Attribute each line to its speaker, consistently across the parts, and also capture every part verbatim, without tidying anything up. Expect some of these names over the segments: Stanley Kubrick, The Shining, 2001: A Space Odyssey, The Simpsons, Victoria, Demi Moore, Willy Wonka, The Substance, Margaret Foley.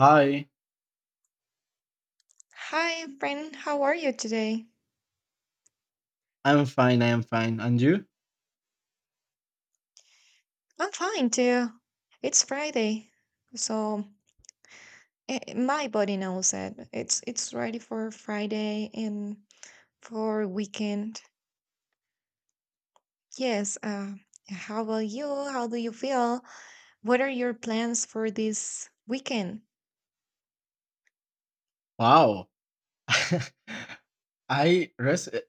Speaker 1: Hi,
Speaker 2: Hi, friend. How are you today?
Speaker 1: I'm fine. I am fine. And you?
Speaker 2: I'm fine too. It's Friday, so eh, eh, my body knows that it's it's ready for Friday and for weekend. Yes. Uh, how about you? How do you feel? What are your plans for this weekend?
Speaker 1: Wow. I res- eh,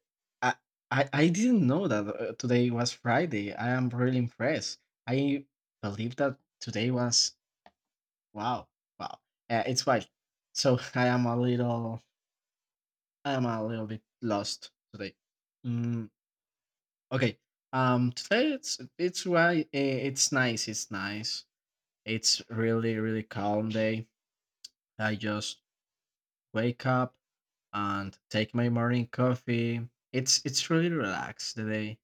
Speaker 1: I, I I didn't know that uh, today was Friday. I am really impressed. I believe that today was wow. Wow. Uh, it's wild. So I am a little I am a little bit lost today. Mm, okay. Um today it's it's right, it's nice. It's nice. It's really really calm day. I just wake up and take my morning coffee. It's it's really relaxed today,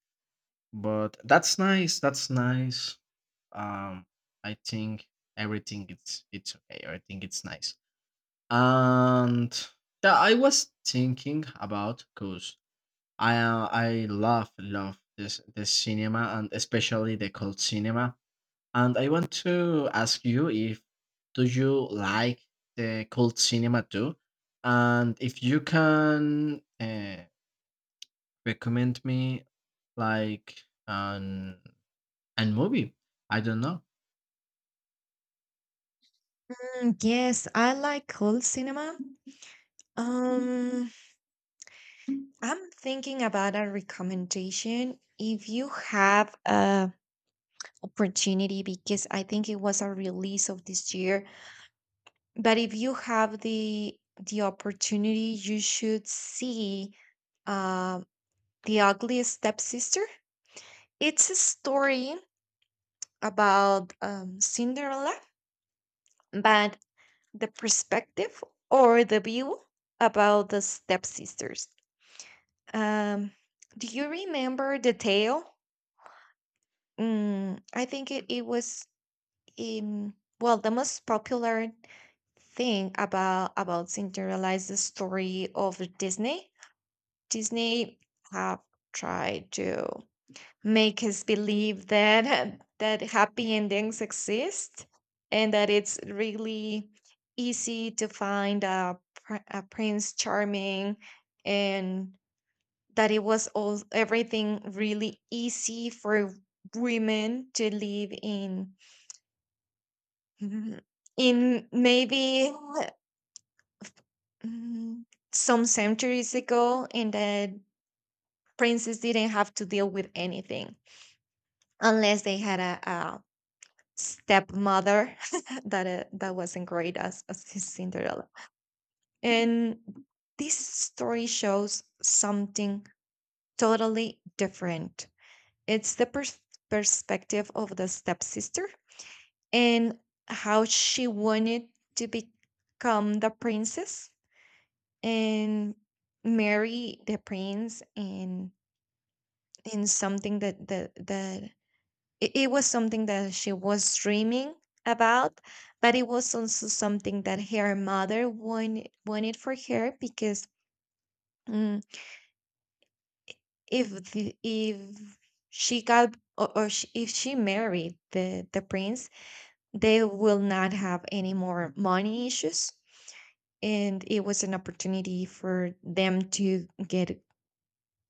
Speaker 1: but that's nice. That's nice. Um, I think everything it's it's okay. I think it's nice. And yeah, I was thinking about cause I uh, I love love this the cinema, and especially the cult cinema. And I want to ask you, if do you like the cult cinema too? And if you can uh, recommend me, like, an an movie. I don't know.
Speaker 2: Mm, yes, I like cold cinema. Um, I'm thinking about a recommendation. If you have a opportunity because I think it was a release of this year. But if you have the the opportunity, you should see uh, the Ugly stepsister. It's a story about um, Cinderella, but the perspective or the view about the stepsisters. Um, do you remember the tale? Mm, I think it, it was um, well the most popular thing about about Cinderella is the story of Disney. Disney have tried to make us believe that that happy endings exist and that it's really easy to find a, pr- a prince charming and that it was all everything really easy for women to live in in maybe Mm, some centuries ago, and that princes didn't have to deal with anything unless they had a, a stepmother that uh, that wasn't great as as his Cinderella. And this story shows something totally different. It's the pers- perspective of the stepsister and how she wanted to become the princess and marry the prince and in something that that that it, it was something that she was dreaming about but it was also something that her mother wanted wanted for her because mm, if the, if she got or, or she, if she married the the prince they will not have any more money issues and it was an opportunity for them to get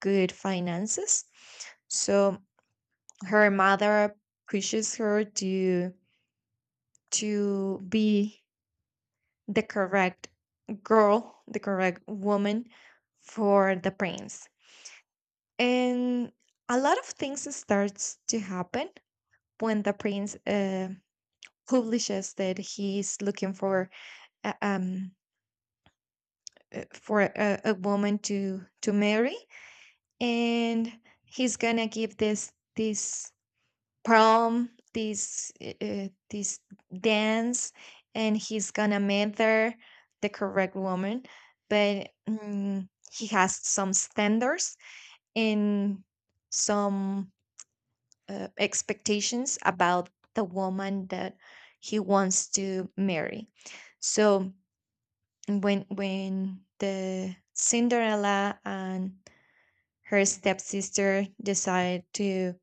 Speaker 2: good finances so her mother pushes her to to be the correct girl, the correct woman for the prince. And a lot of things starts to happen when the prince uh, publishes that he's looking for a- um uh, for a, a woman to to marry and he's gonna give this this prom, this uh, this dance, and he's gonna meet her, the correct woman, but mm, he has some standards and some uh, expectations about the woman that he wants to marry. So when when the Cinderella and her stepsister decide to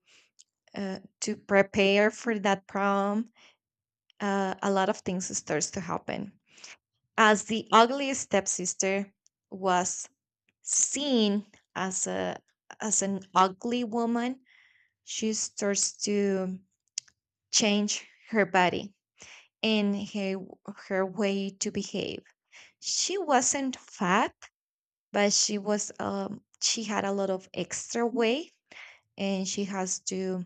Speaker 2: uh, to prepare for that prom uh, a lot of things starts to happen. As the ugly stepsister was seen as a as an ugly woman, she starts to change her body and her her way to behave. She wasn't fat, but she was um she had a lot of extra weight and she has to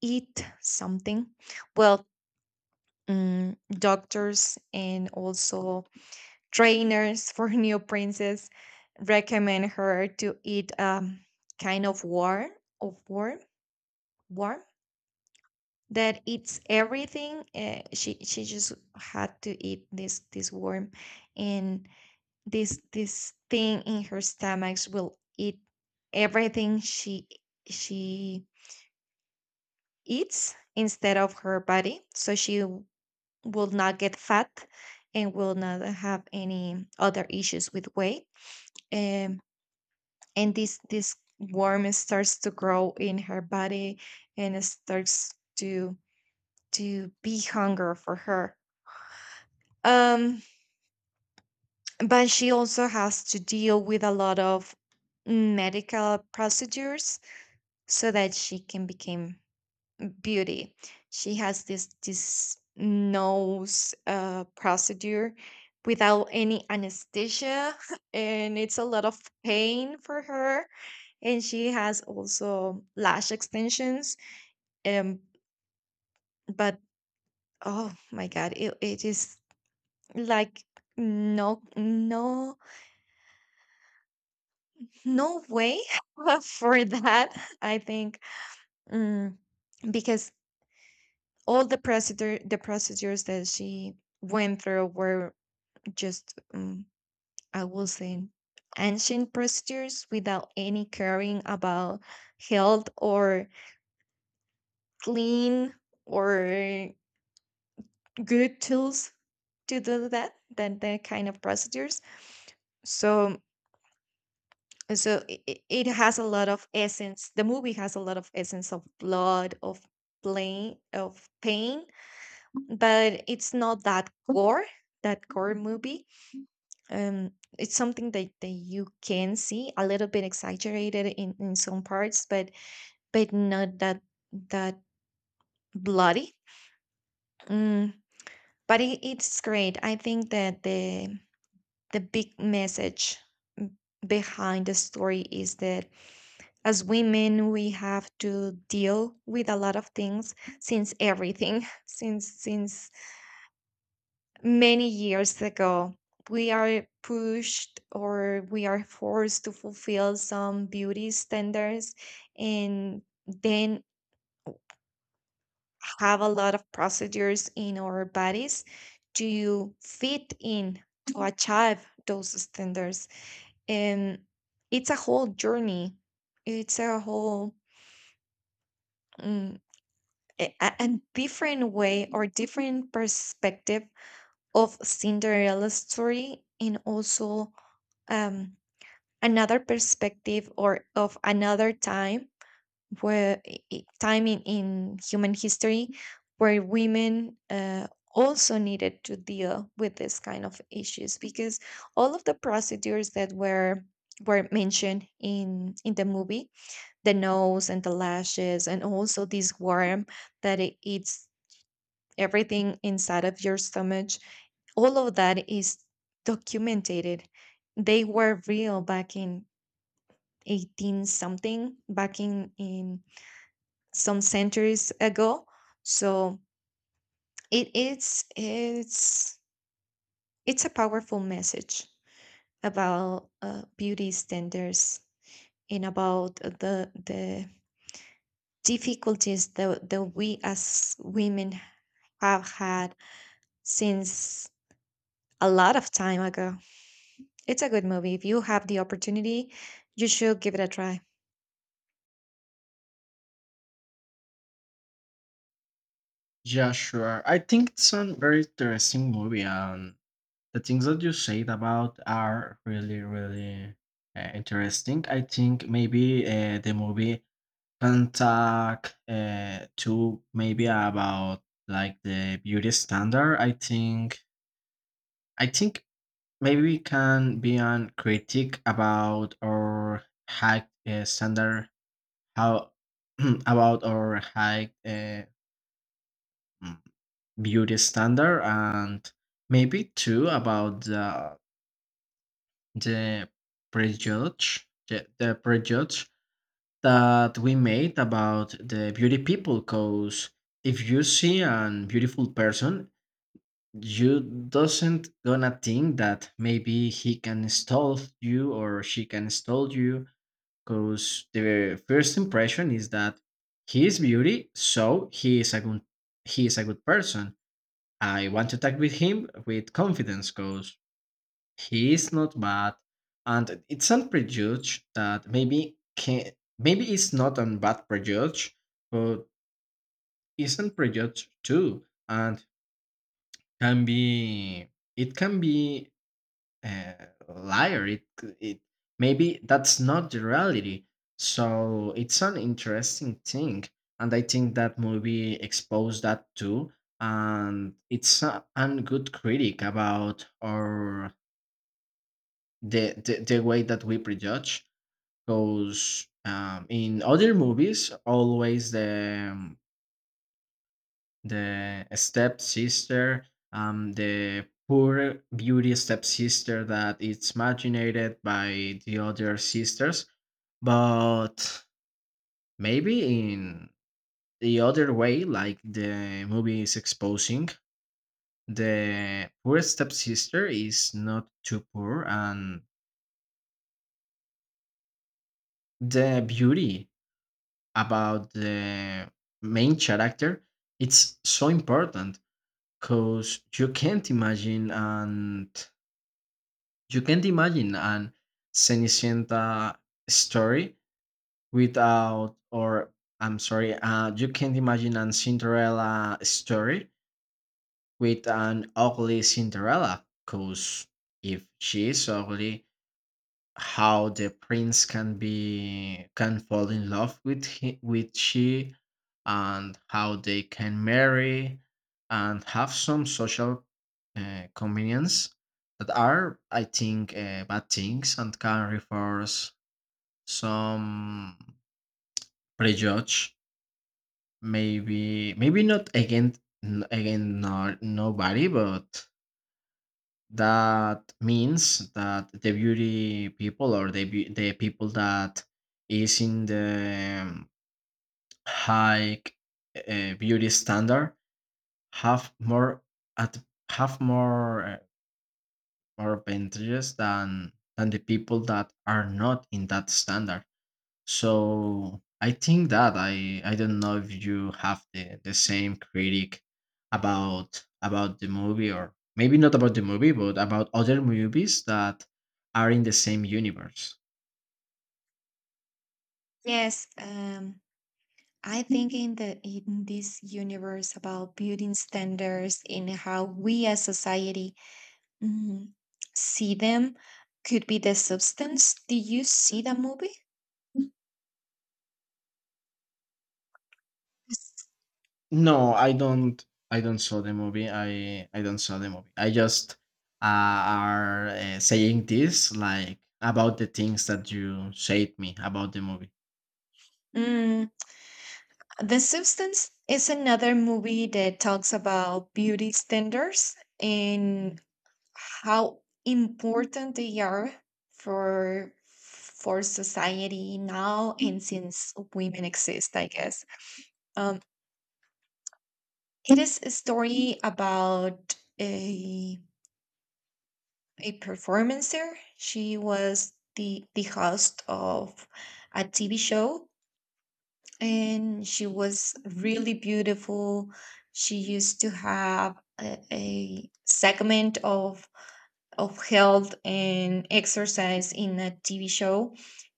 Speaker 2: eat something. Well, mm, doctors and also trainers for new princess recommend her to eat um, kind of war of worm worm that eats everything uh, she she just had to eat this this worm and this this thing in her stomachs will eat everything she she eats instead of her body so she w- will not get fat and will not have any other issues with weight. Um, and this this worm starts to grow in her body and it starts to to be hunger for her um but she also has to deal with a lot of medical procedures so that she can become beauty. She has this this nose uh, procedure without any anesthesia and it's a lot of pain for her and she has also lash extensions um but oh my god it, it is like no no no way for that. I think mm, because all the procedure the procedures that she went through were just um, I will say ancient procedures without any caring about health or clean or good tools to do that than that kind of procedures. So so it, it it has a lot of essence. The movie has a lot of essence of blood of pain of pain but it's not that gore that gore movie. Um, it's something that, that you can see a little bit exaggerated in in some parts but but not that that bloody. mm, but it, it's great. I think that the the big message, mm, behind the story is that as women we have to deal with a lot of things since everything since since many years ago we are pushed or we are forced to fulfill some beauty standards and then have a lot of procedures in our bodies to fit in to achieve those standards. And it's a whole journey. It's a whole mm, a, a a different way or different perspective of Cinderella's story and also um, another perspective or of another time where i- i- time in, in human history where women uh, also needed to deal with this kind of issues because all of the procedures that were were mentioned in in the movie the nose and the lashes and also this worm that it eats everything inside of your stomach, all of that is documented. They were real back in eighteen something back in in some centuries ago. So it is it's it's a powerful message about uh, beauty standards and about the the difficulties that, that we as women have had since a lot of time ago. It's a good movie. If you have the opportunity, you should give it a try.
Speaker 1: Yeah, sure. I think it's a very interesting movie, and the things that you said about are really, really uh, interesting. I think maybe uh, the movie can talk uh, to, maybe, about like the beauty standard. I think I think maybe we can be a critic about our high uh, standard, how about our high uh, mm, beauty standard, and maybe too about the, the prejudge, the, the prejudge that we made about the beauty people. Because if you see an beautiful person, you doesn't gonna think that maybe he can stall you or she can stall you, because the first impression is that he is beauty, so he is a good, he is a good person. I want to talk with him with confidence, because he is not bad, and it's not prejudge that maybe can, maybe it's not a bad prejudge, but isn't prejudge too, and can be it can be uh, liar. It it maybe that's not the reality. So it's an interesting thing, and I think that movie exposed that too. And it's a, an good critic about our the, the the way that we prejudge. Because um, in other movies, always the um, the stepsister, um, the poor beauty stepsister that is marginated by the other sisters. But maybe in the other way, like the movie is exposing, the poor stepsister is not too poor, and the beauty about the main character, it's so important, because you can't imagine and You can't imagine an Cenicienta story without, or, I'm sorry, uh, you can't imagine an Cinderella story with an ugly Cinderella, because if she is ugly, how the prince can be can fall in love with he, with she, and how they can marry and have some social uh, convenience that are, I think, uh, bad things, and can reinforce some prejudge, maybe maybe not against, again, not nobody, but that means that the beauty people, or the beau- the people that is in the um, high uh, beauty standard, have more at have more uh, more advantages than than the people that are not in that standard. So I think that I I don't know if you have the the same critic about about the movie, or maybe not about the movie but about other movies that are in the same universe.
Speaker 2: Yes, um, I think in the in this universe about building standards in how we as society mm, see them could be the substance. Did you see the movie? Yes.
Speaker 1: No, I don't I don't saw the movie. I I don't saw the movie. I just uh, are uh, saying this, like, about the things that you said me about the movie.
Speaker 2: Mm, the substance is another movie that talks about beauty standards in how important they are for for society now and since women exist I guess. um, it is a story about a a performancer. She was the the host of a TV show and she was really beautiful. She used to have a, a segment of of health and exercise in a T V show.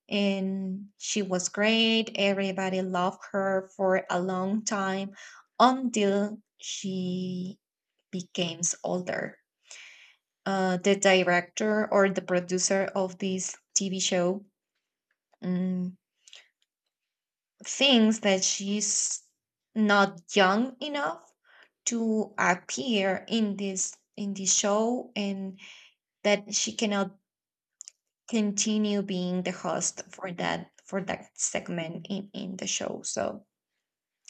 Speaker 2: And she was great. Everybody loved her for a long time until she becomes older. Uh, the director or the producer of this T V show um, thinks that she's not young enough to appear in this in this show and that she cannot continue being the host for that for that segment in in the show. So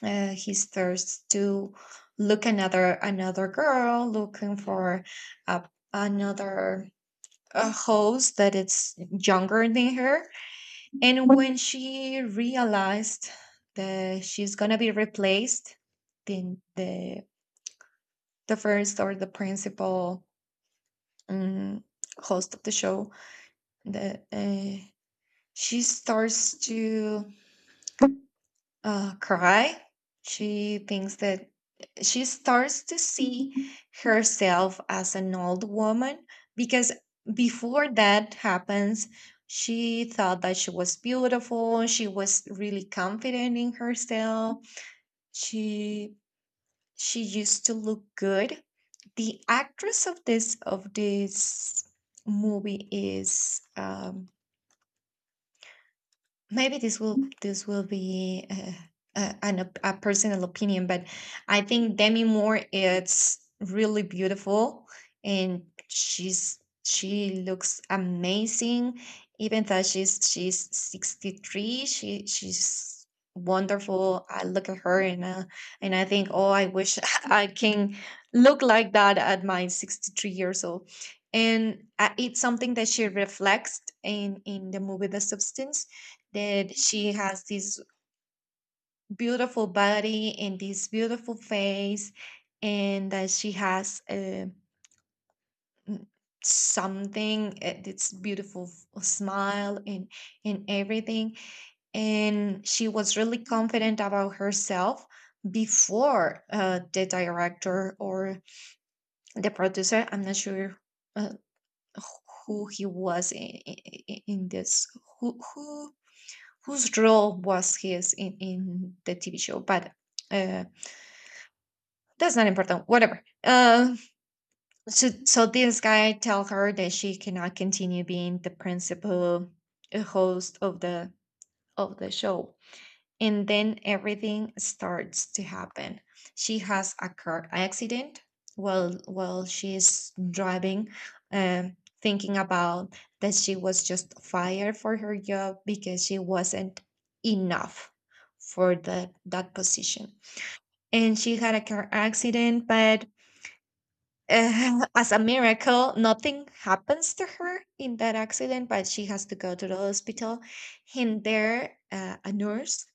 Speaker 2: uh, he starts to look another another girl looking for a, another a host that it's younger than her. And when she realized that she's gonna be replaced, then the the first or the principal um, host of the show the uh, she starts to uh, cry. She thinks that she starts to see herself as an old woman because before that happens, she thought that she was beautiful. She was really confident in herself. She she used to look good. The actress of this of this movie is um, maybe this will this will be uh, a, an, op- a personal opinion but I think Demi Moore is really beautiful and she's she looks amazing even though she's she's sixty three. She she's wonderful. I look at her and uh, and I think oh I wish I can look like that at my sixty three years old. And uh, it's something that she reflects in in the movie the substance, that she has this beautiful body and this beautiful face and that she has uh, n- something uh, that's beautiful, f- smile and and everything. And she was really confident about herself before uh, the director or the producer. I'm not sure uh, who he was in, in this who who whose role was his in, in the T V show, but uh, that's not important. Whatever. Uh, so so this guy tell her that she cannot continue being the principal uh, host of the of the show. And then everything starts to happen. She has a car accident while while she's driving, um, thinking about that she was just fired for her job because she wasn't enough for the that position. And she had a car accident. But uh, as a miracle nothing happens to her in that accident but she has to go to the hospital. And there uh, a nurse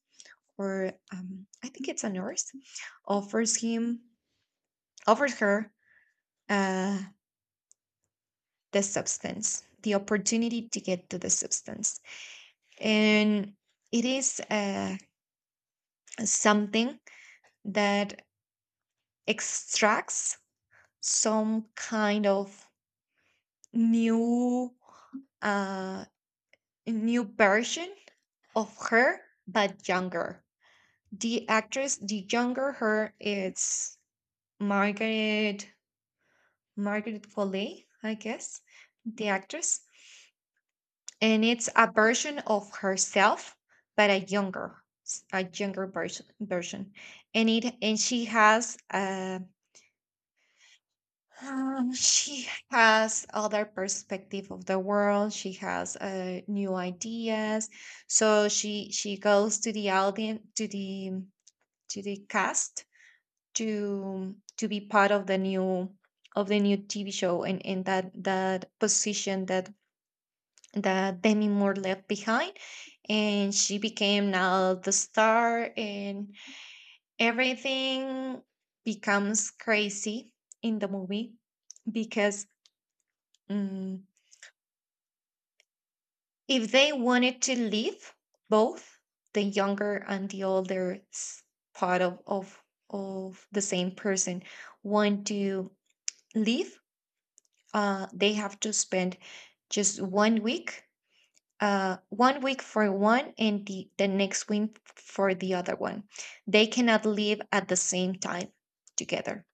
Speaker 2: or um, I think it's a nurse, offers him, offers her uh, the substance, the opportunity to get to the substance. And it is uh, something that extracts some kind of new, uh, new version of her, but younger. The actress, the younger her, it's Margaret Margaret Foley, I guess, the actress, and it's a version of herself, but a younger, s- a younger version. Version, and it and she has uh, um, she has other perspective of the world. She has uh, new ideas, so she she goes to the audience to the to the cast to to be part of the new of the new T V show and in that that position that that Demi Moore left behind. And she became now the star, and everything becomes crazy in the movie because mm, if they wanted to leave both the younger and the older s- part of, of, of the same person want to leave, uh, they have to spend just one week uh, one week for one and the, the next week for the other one. They cannot live at the same time together.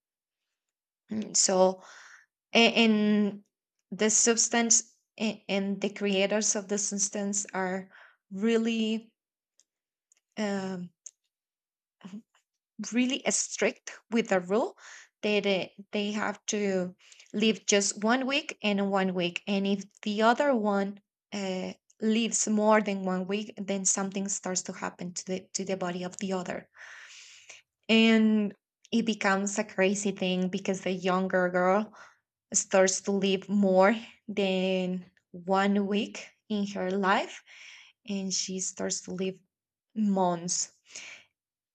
Speaker 2: Mm, So, a- and the substance a- and the creators of the substance are really um, really strict with the rule that uh, they have to live just one week and one week. And if the other one uh, lives more than one week, then something starts to happen to the to the body of the other. And it becomes a crazy thing because the younger girl starts to live more than one week in her life and she starts to live months.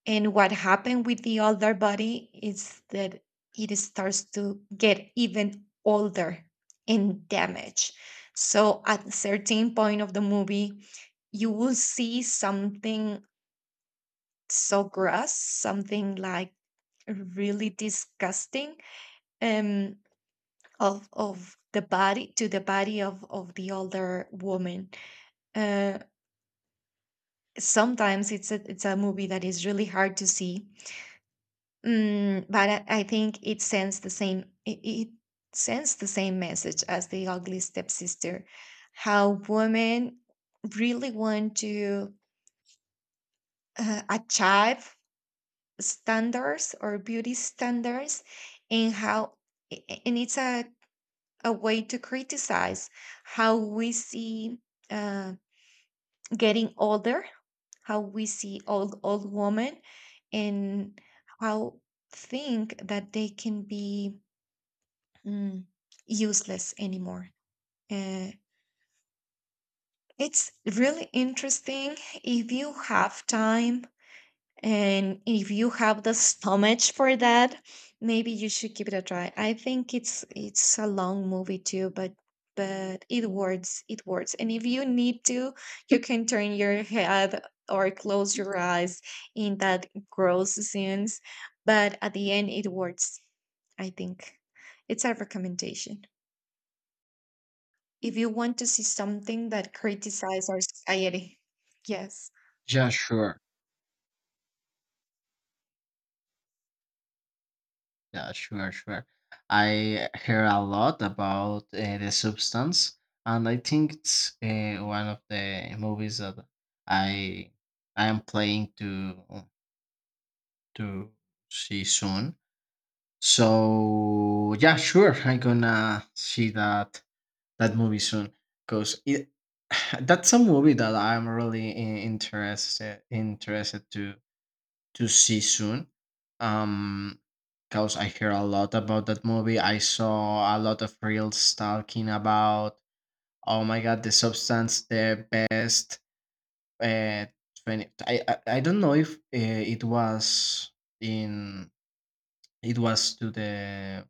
Speaker 2: And what happened with the older body is that it starts to get even older and damaged. So at a certain point of the movie, you will see something so gross, something like really disgusting, um, of of the body to the body of, of the older woman. Uh, sometimes it's a, it's a movie that is really hard to see. Mm, but I I think it sends the same it, it sends the same message as the ugly stepsister, how women really want to uh, achieve standards or beauty standards, and how a- a- and it's a a way to criticize how we see uh, getting older, how we see old old women, and how think that they can be mm, useless anymore. Uh, it's really interesting. If you have time and if you have the stomach for that, maybe you should give it a try. I think it's it's a long movie too, but but it works, it works. And if you need to, you can turn your head or close your eyes in that gross scenes, but at the end it works, I think. It's a recommendation if you want to see something that criticizes our society. Yes.
Speaker 1: Yeah, sure. Yeah, sure, sure. I hear a lot about uh, the substance, and I think it's uh, one of the movies that I I am playing to to see soon. So yeah, sure, I'm gonna see that that movie soon, because it that's a movie that I'm really i- interested interested to to see soon. Um, because I hear a lot about that movie. I saw a lot of reels talking about, oh my god, the substance, the best. Uh, twenty, I, I I don't know if uh, it was in it was to the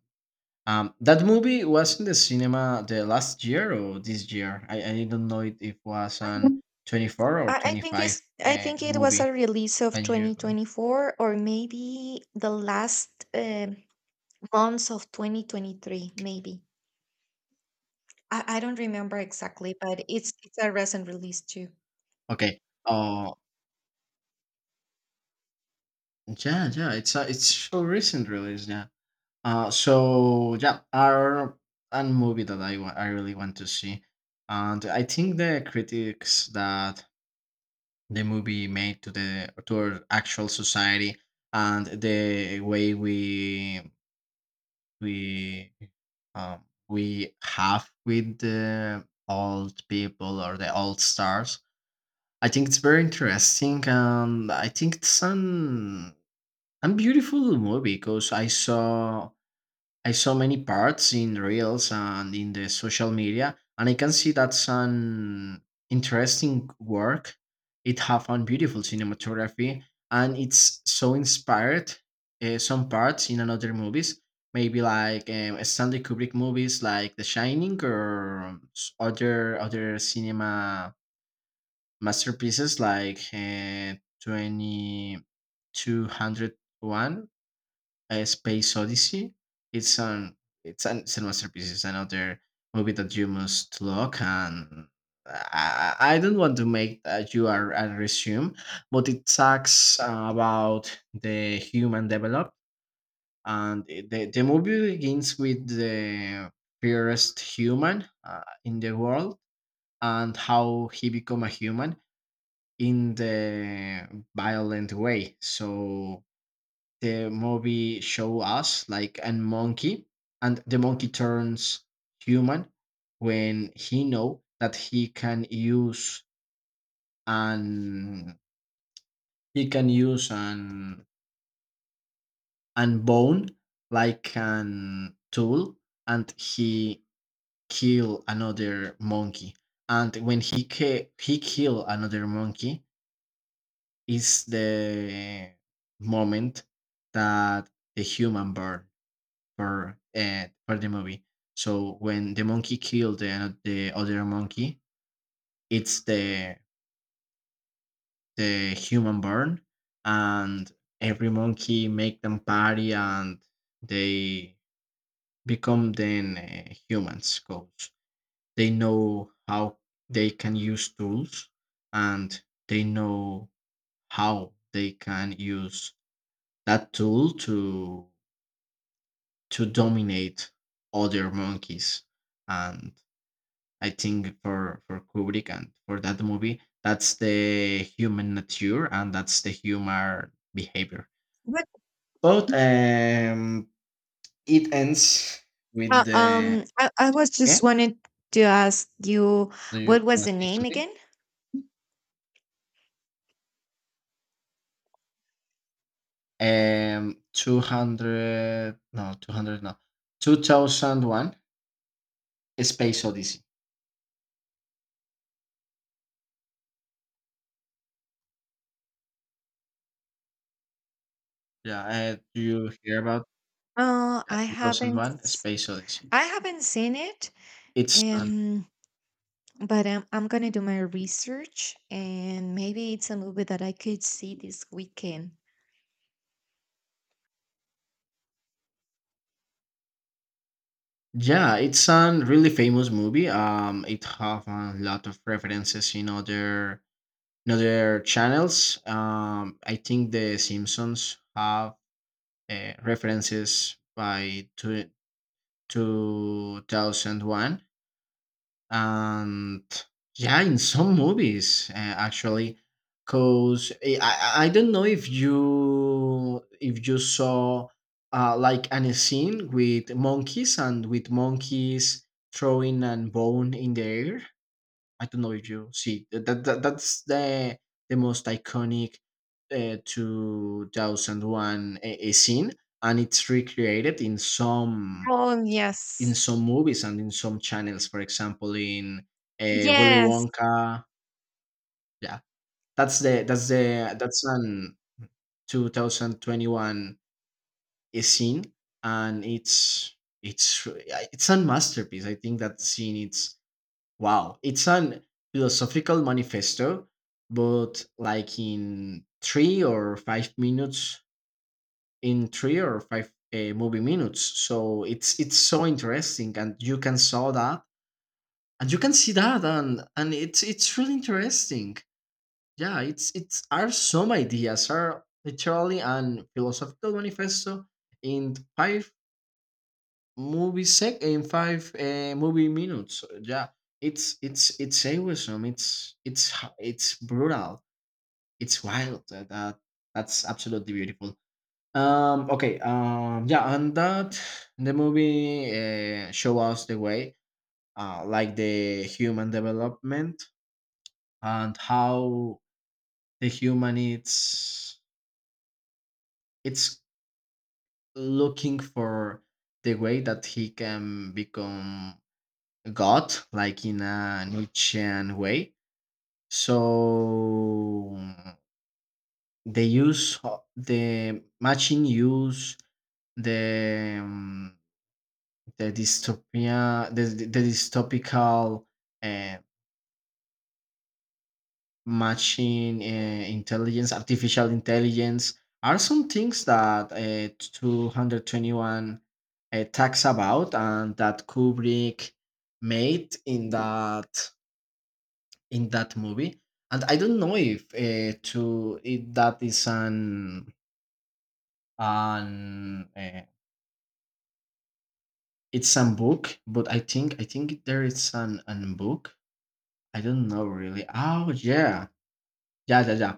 Speaker 1: um that movie was in the cinema the last year or this year. I I don't know it if was an twenty four or
Speaker 2: I, I
Speaker 1: twenty
Speaker 2: think it's
Speaker 1: five
Speaker 2: I
Speaker 1: uh,
Speaker 2: think it was a
Speaker 1: movie.
Speaker 2: release of
Speaker 1: Can you?
Speaker 2: twenty twenty four or maybe the last um months of twenty twenty three, maybe. I, I don't remember exactly, but it's it's a recent release too.
Speaker 1: Okay. Oh, yeah, yeah, it's a, it's so recent release, yeah. Uh, so yeah, our a movie that I wa- I really want to see, and I think the critics that the movie made to the to our actual society, and the way we we um, we have with the old people or the old stars, I think it's very interesting, and I think it's an and beautiful movie, because I saw, I saw many parts in reels and in the social media, and I can see that's an interesting work. It have a beautiful cinematography, and it's so inspired uh, some parts in another movies, maybe like um, Stanley Kubrick movies, like The Shining, or s- other other cinema masterpieces like uh, twenty two hundred one uh, Space Odyssey. It's an it's an it's masterpiece. It's another movie that you must look and. I, I I don't want to make that you are a resume, but it talks uh, about the human develop, and it- the, the movie begins with the purest human uh, in the world, and how he become a human in the violent way. So the movie show us like a monkey, and the monkey turns human when he know that he can use an he can use an an bone like an tool, and he kill another monkey, and when he ki- he kill another monkey is the moment that the human burn, per uh, per the movie. So when the monkey killed the, the other monkey, it's the the human burn, and every monkey make them party, and they become then uh, humans. Cause they know how they can use tools, and they know how they can use that tool to to dominate other monkeys, and I think for for Kubrick and for that movie, that's the human nature and that's the human behavior.
Speaker 2: What
Speaker 1: But um, it ends with
Speaker 2: uh,
Speaker 1: the,
Speaker 2: um I, I was
Speaker 1: yeah?
Speaker 2: just wanted to ask you
Speaker 1: Do
Speaker 2: what
Speaker 1: you
Speaker 2: was
Speaker 1: want to
Speaker 2: the
Speaker 1: say
Speaker 2: name
Speaker 1: something?
Speaker 2: again?
Speaker 1: Um, two hundred, no, two hundred, no, two thousand one, A Space Odyssey. Yeah, uh, do you hear about
Speaker 2: Uh I
Speaker 1: two thousand
Speaker 2: haven't
Speaker 1: one, A
Speaker 2: s-
Speaker 1: Space Odyssey?
Speaker 2: I haven't seen it.
Speaker 1: It's uh,
Speaker 2: Um, but um, I'm gonna do my research and maybe it's a movie that I could see this weekend.
Speaker 1: Yeah, it's a really famous movie. Um, it have a lot of references in other, in other channels. Um, I think the Simpsons have uh, references by two two thousand one, and yeah, in some movies, uh, actually, because I, I I don't know if you if you saw uh, like an scene with monkeys, and with monkeys throwing and bone in the air. I don't know if you see that, that that- that's the the most iconic uh, two thousand one a, a scene, and it's recreated in some
Speaker 2: Oh
Speaker 1: in
Speaker 2: yes.
Speaker 1: some movies and in some channels, for example, in uh, Willy
Speaker 2: Yes.
Speaker 1: Wonka. Yeah, that's the that's the that's an twenty twenty-one scene, and it's it's eh, it's a masterpiece. I think that scene it's wow. It's an philosophical manifesto, but, like, in three or five minutes, in three or five uh, movie minutes. So it's it's so interesting, and you can saw that, and you can see that, and and it's it's really interesting, yeah. It's it's are some ideas, are literally and philosophical manifesto in five movie sec in five uh, movie minutes, yeah. It's it's it's awesome. It's it's h- it's brutal. It's wild that, that that's absolutely beautiful. Um okay. Um yeah, and that the movie uh, show us the way, uh, like the human development, and how the human it's it's looking for the way that he can become god, like in a nietzschean way. So they use ho- the machine use the um, the dystopia, the, the dystopical, eh, machine, uh, intelligence, artificial intelligence, are some things that uh, two twenty-one uh, talks about, and that Kubrick made in that in that movie. And I don't know if, uh, to, if that is an an uh, it's a book, but I think I think there is an an book. I don't know really. Oh yeah, yeah, yeah, yeah.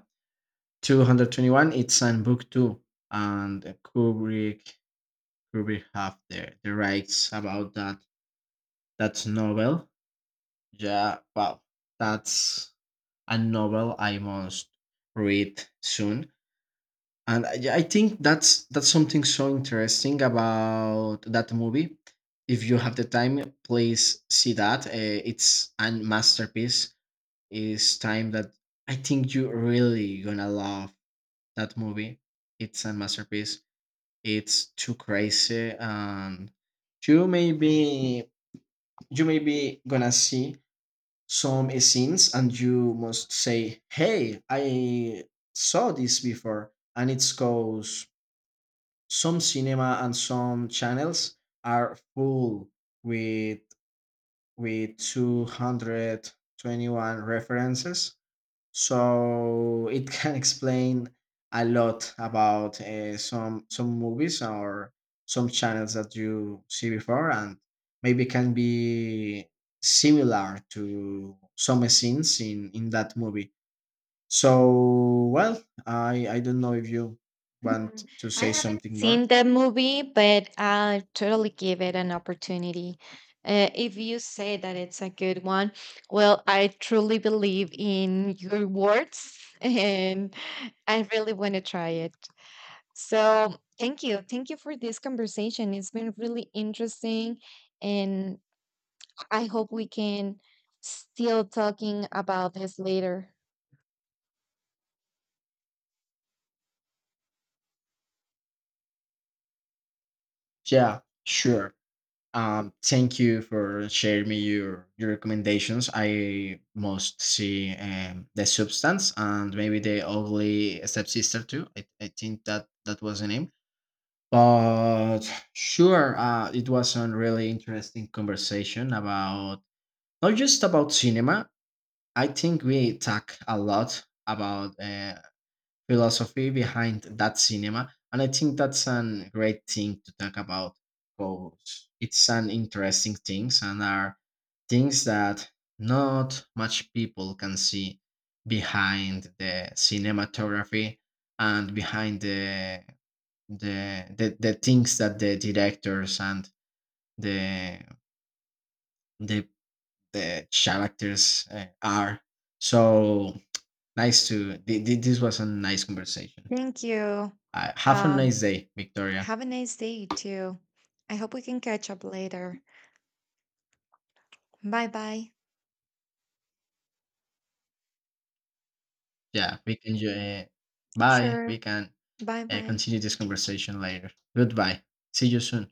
Speaker 1: two twenty-one it's an book too, and kubrick kubrick have the, the rights about that that novel. Yeah, well, that's a novel I must read soon, and i, I think that's that's something so interesting about that movie. If you have the time please see that. Uh, it's a masterpiece. It's time that I think you really gonna love that movie. It's a masterpiece, it's too crazy, and you may be you may be gonna see some scenes and you must say, hey, I saw this before, and it's cause some cinema and some channels are full with, with two twenty-one references. So it can explain a lot about uh, some some movies or some channels that you see before, and maybe can be similar to some scenes in in that movie. So, well, i i don't know if you want
Speaker 2: Mm,
Speaker 1: to
Speaker 2: I
Speaker 1: say
Speaker 2: haven't
Speaker 1: something more.
Speaker 2: seen that movie, but I'll totally give it an opportunity. Uh, if you say that it's a good one, well, I truly believe in your words and I really want to try it. So, thank you. Thank you for this conversation. It's been really interesting, and I hope we can still talking about this later.
Speaker 1: Yeah, sure. Um, thank you for sharing me your your recommendations. I must see um, the substance, and maybe the ugly stepsister too. I, I think that that was the name. But sure, uh, it was a really interesting conversation about, not just about cinema. I think we talk a lot about uh, philosophy behind that cinema. And I think that's a great thing to talk about, because it's an interesting things, and are things that not much people can see behind the cinematography and behind the the the, the things that the directors and the the, the characters uh, are. So nice to thi- thi- this was a nice conversation.
Speaker 2: Thank you.
Speaker 1: Uh, have a
Speaker 2: Um,
Speaker 1: nice day, Victoria.
Speaker 2: Have a nice day too. I hope we can catch up later. Bye bye.
Speaker 1: Yeah, we can. Uh, bye. We
Speaker 2: Sure.
Speaker 1: can
Speaker 2: Bye
Speaker 1: uh,
Speaker 2: bye.
Speaker 1: continue this conversation later. Goodbye. See you soon.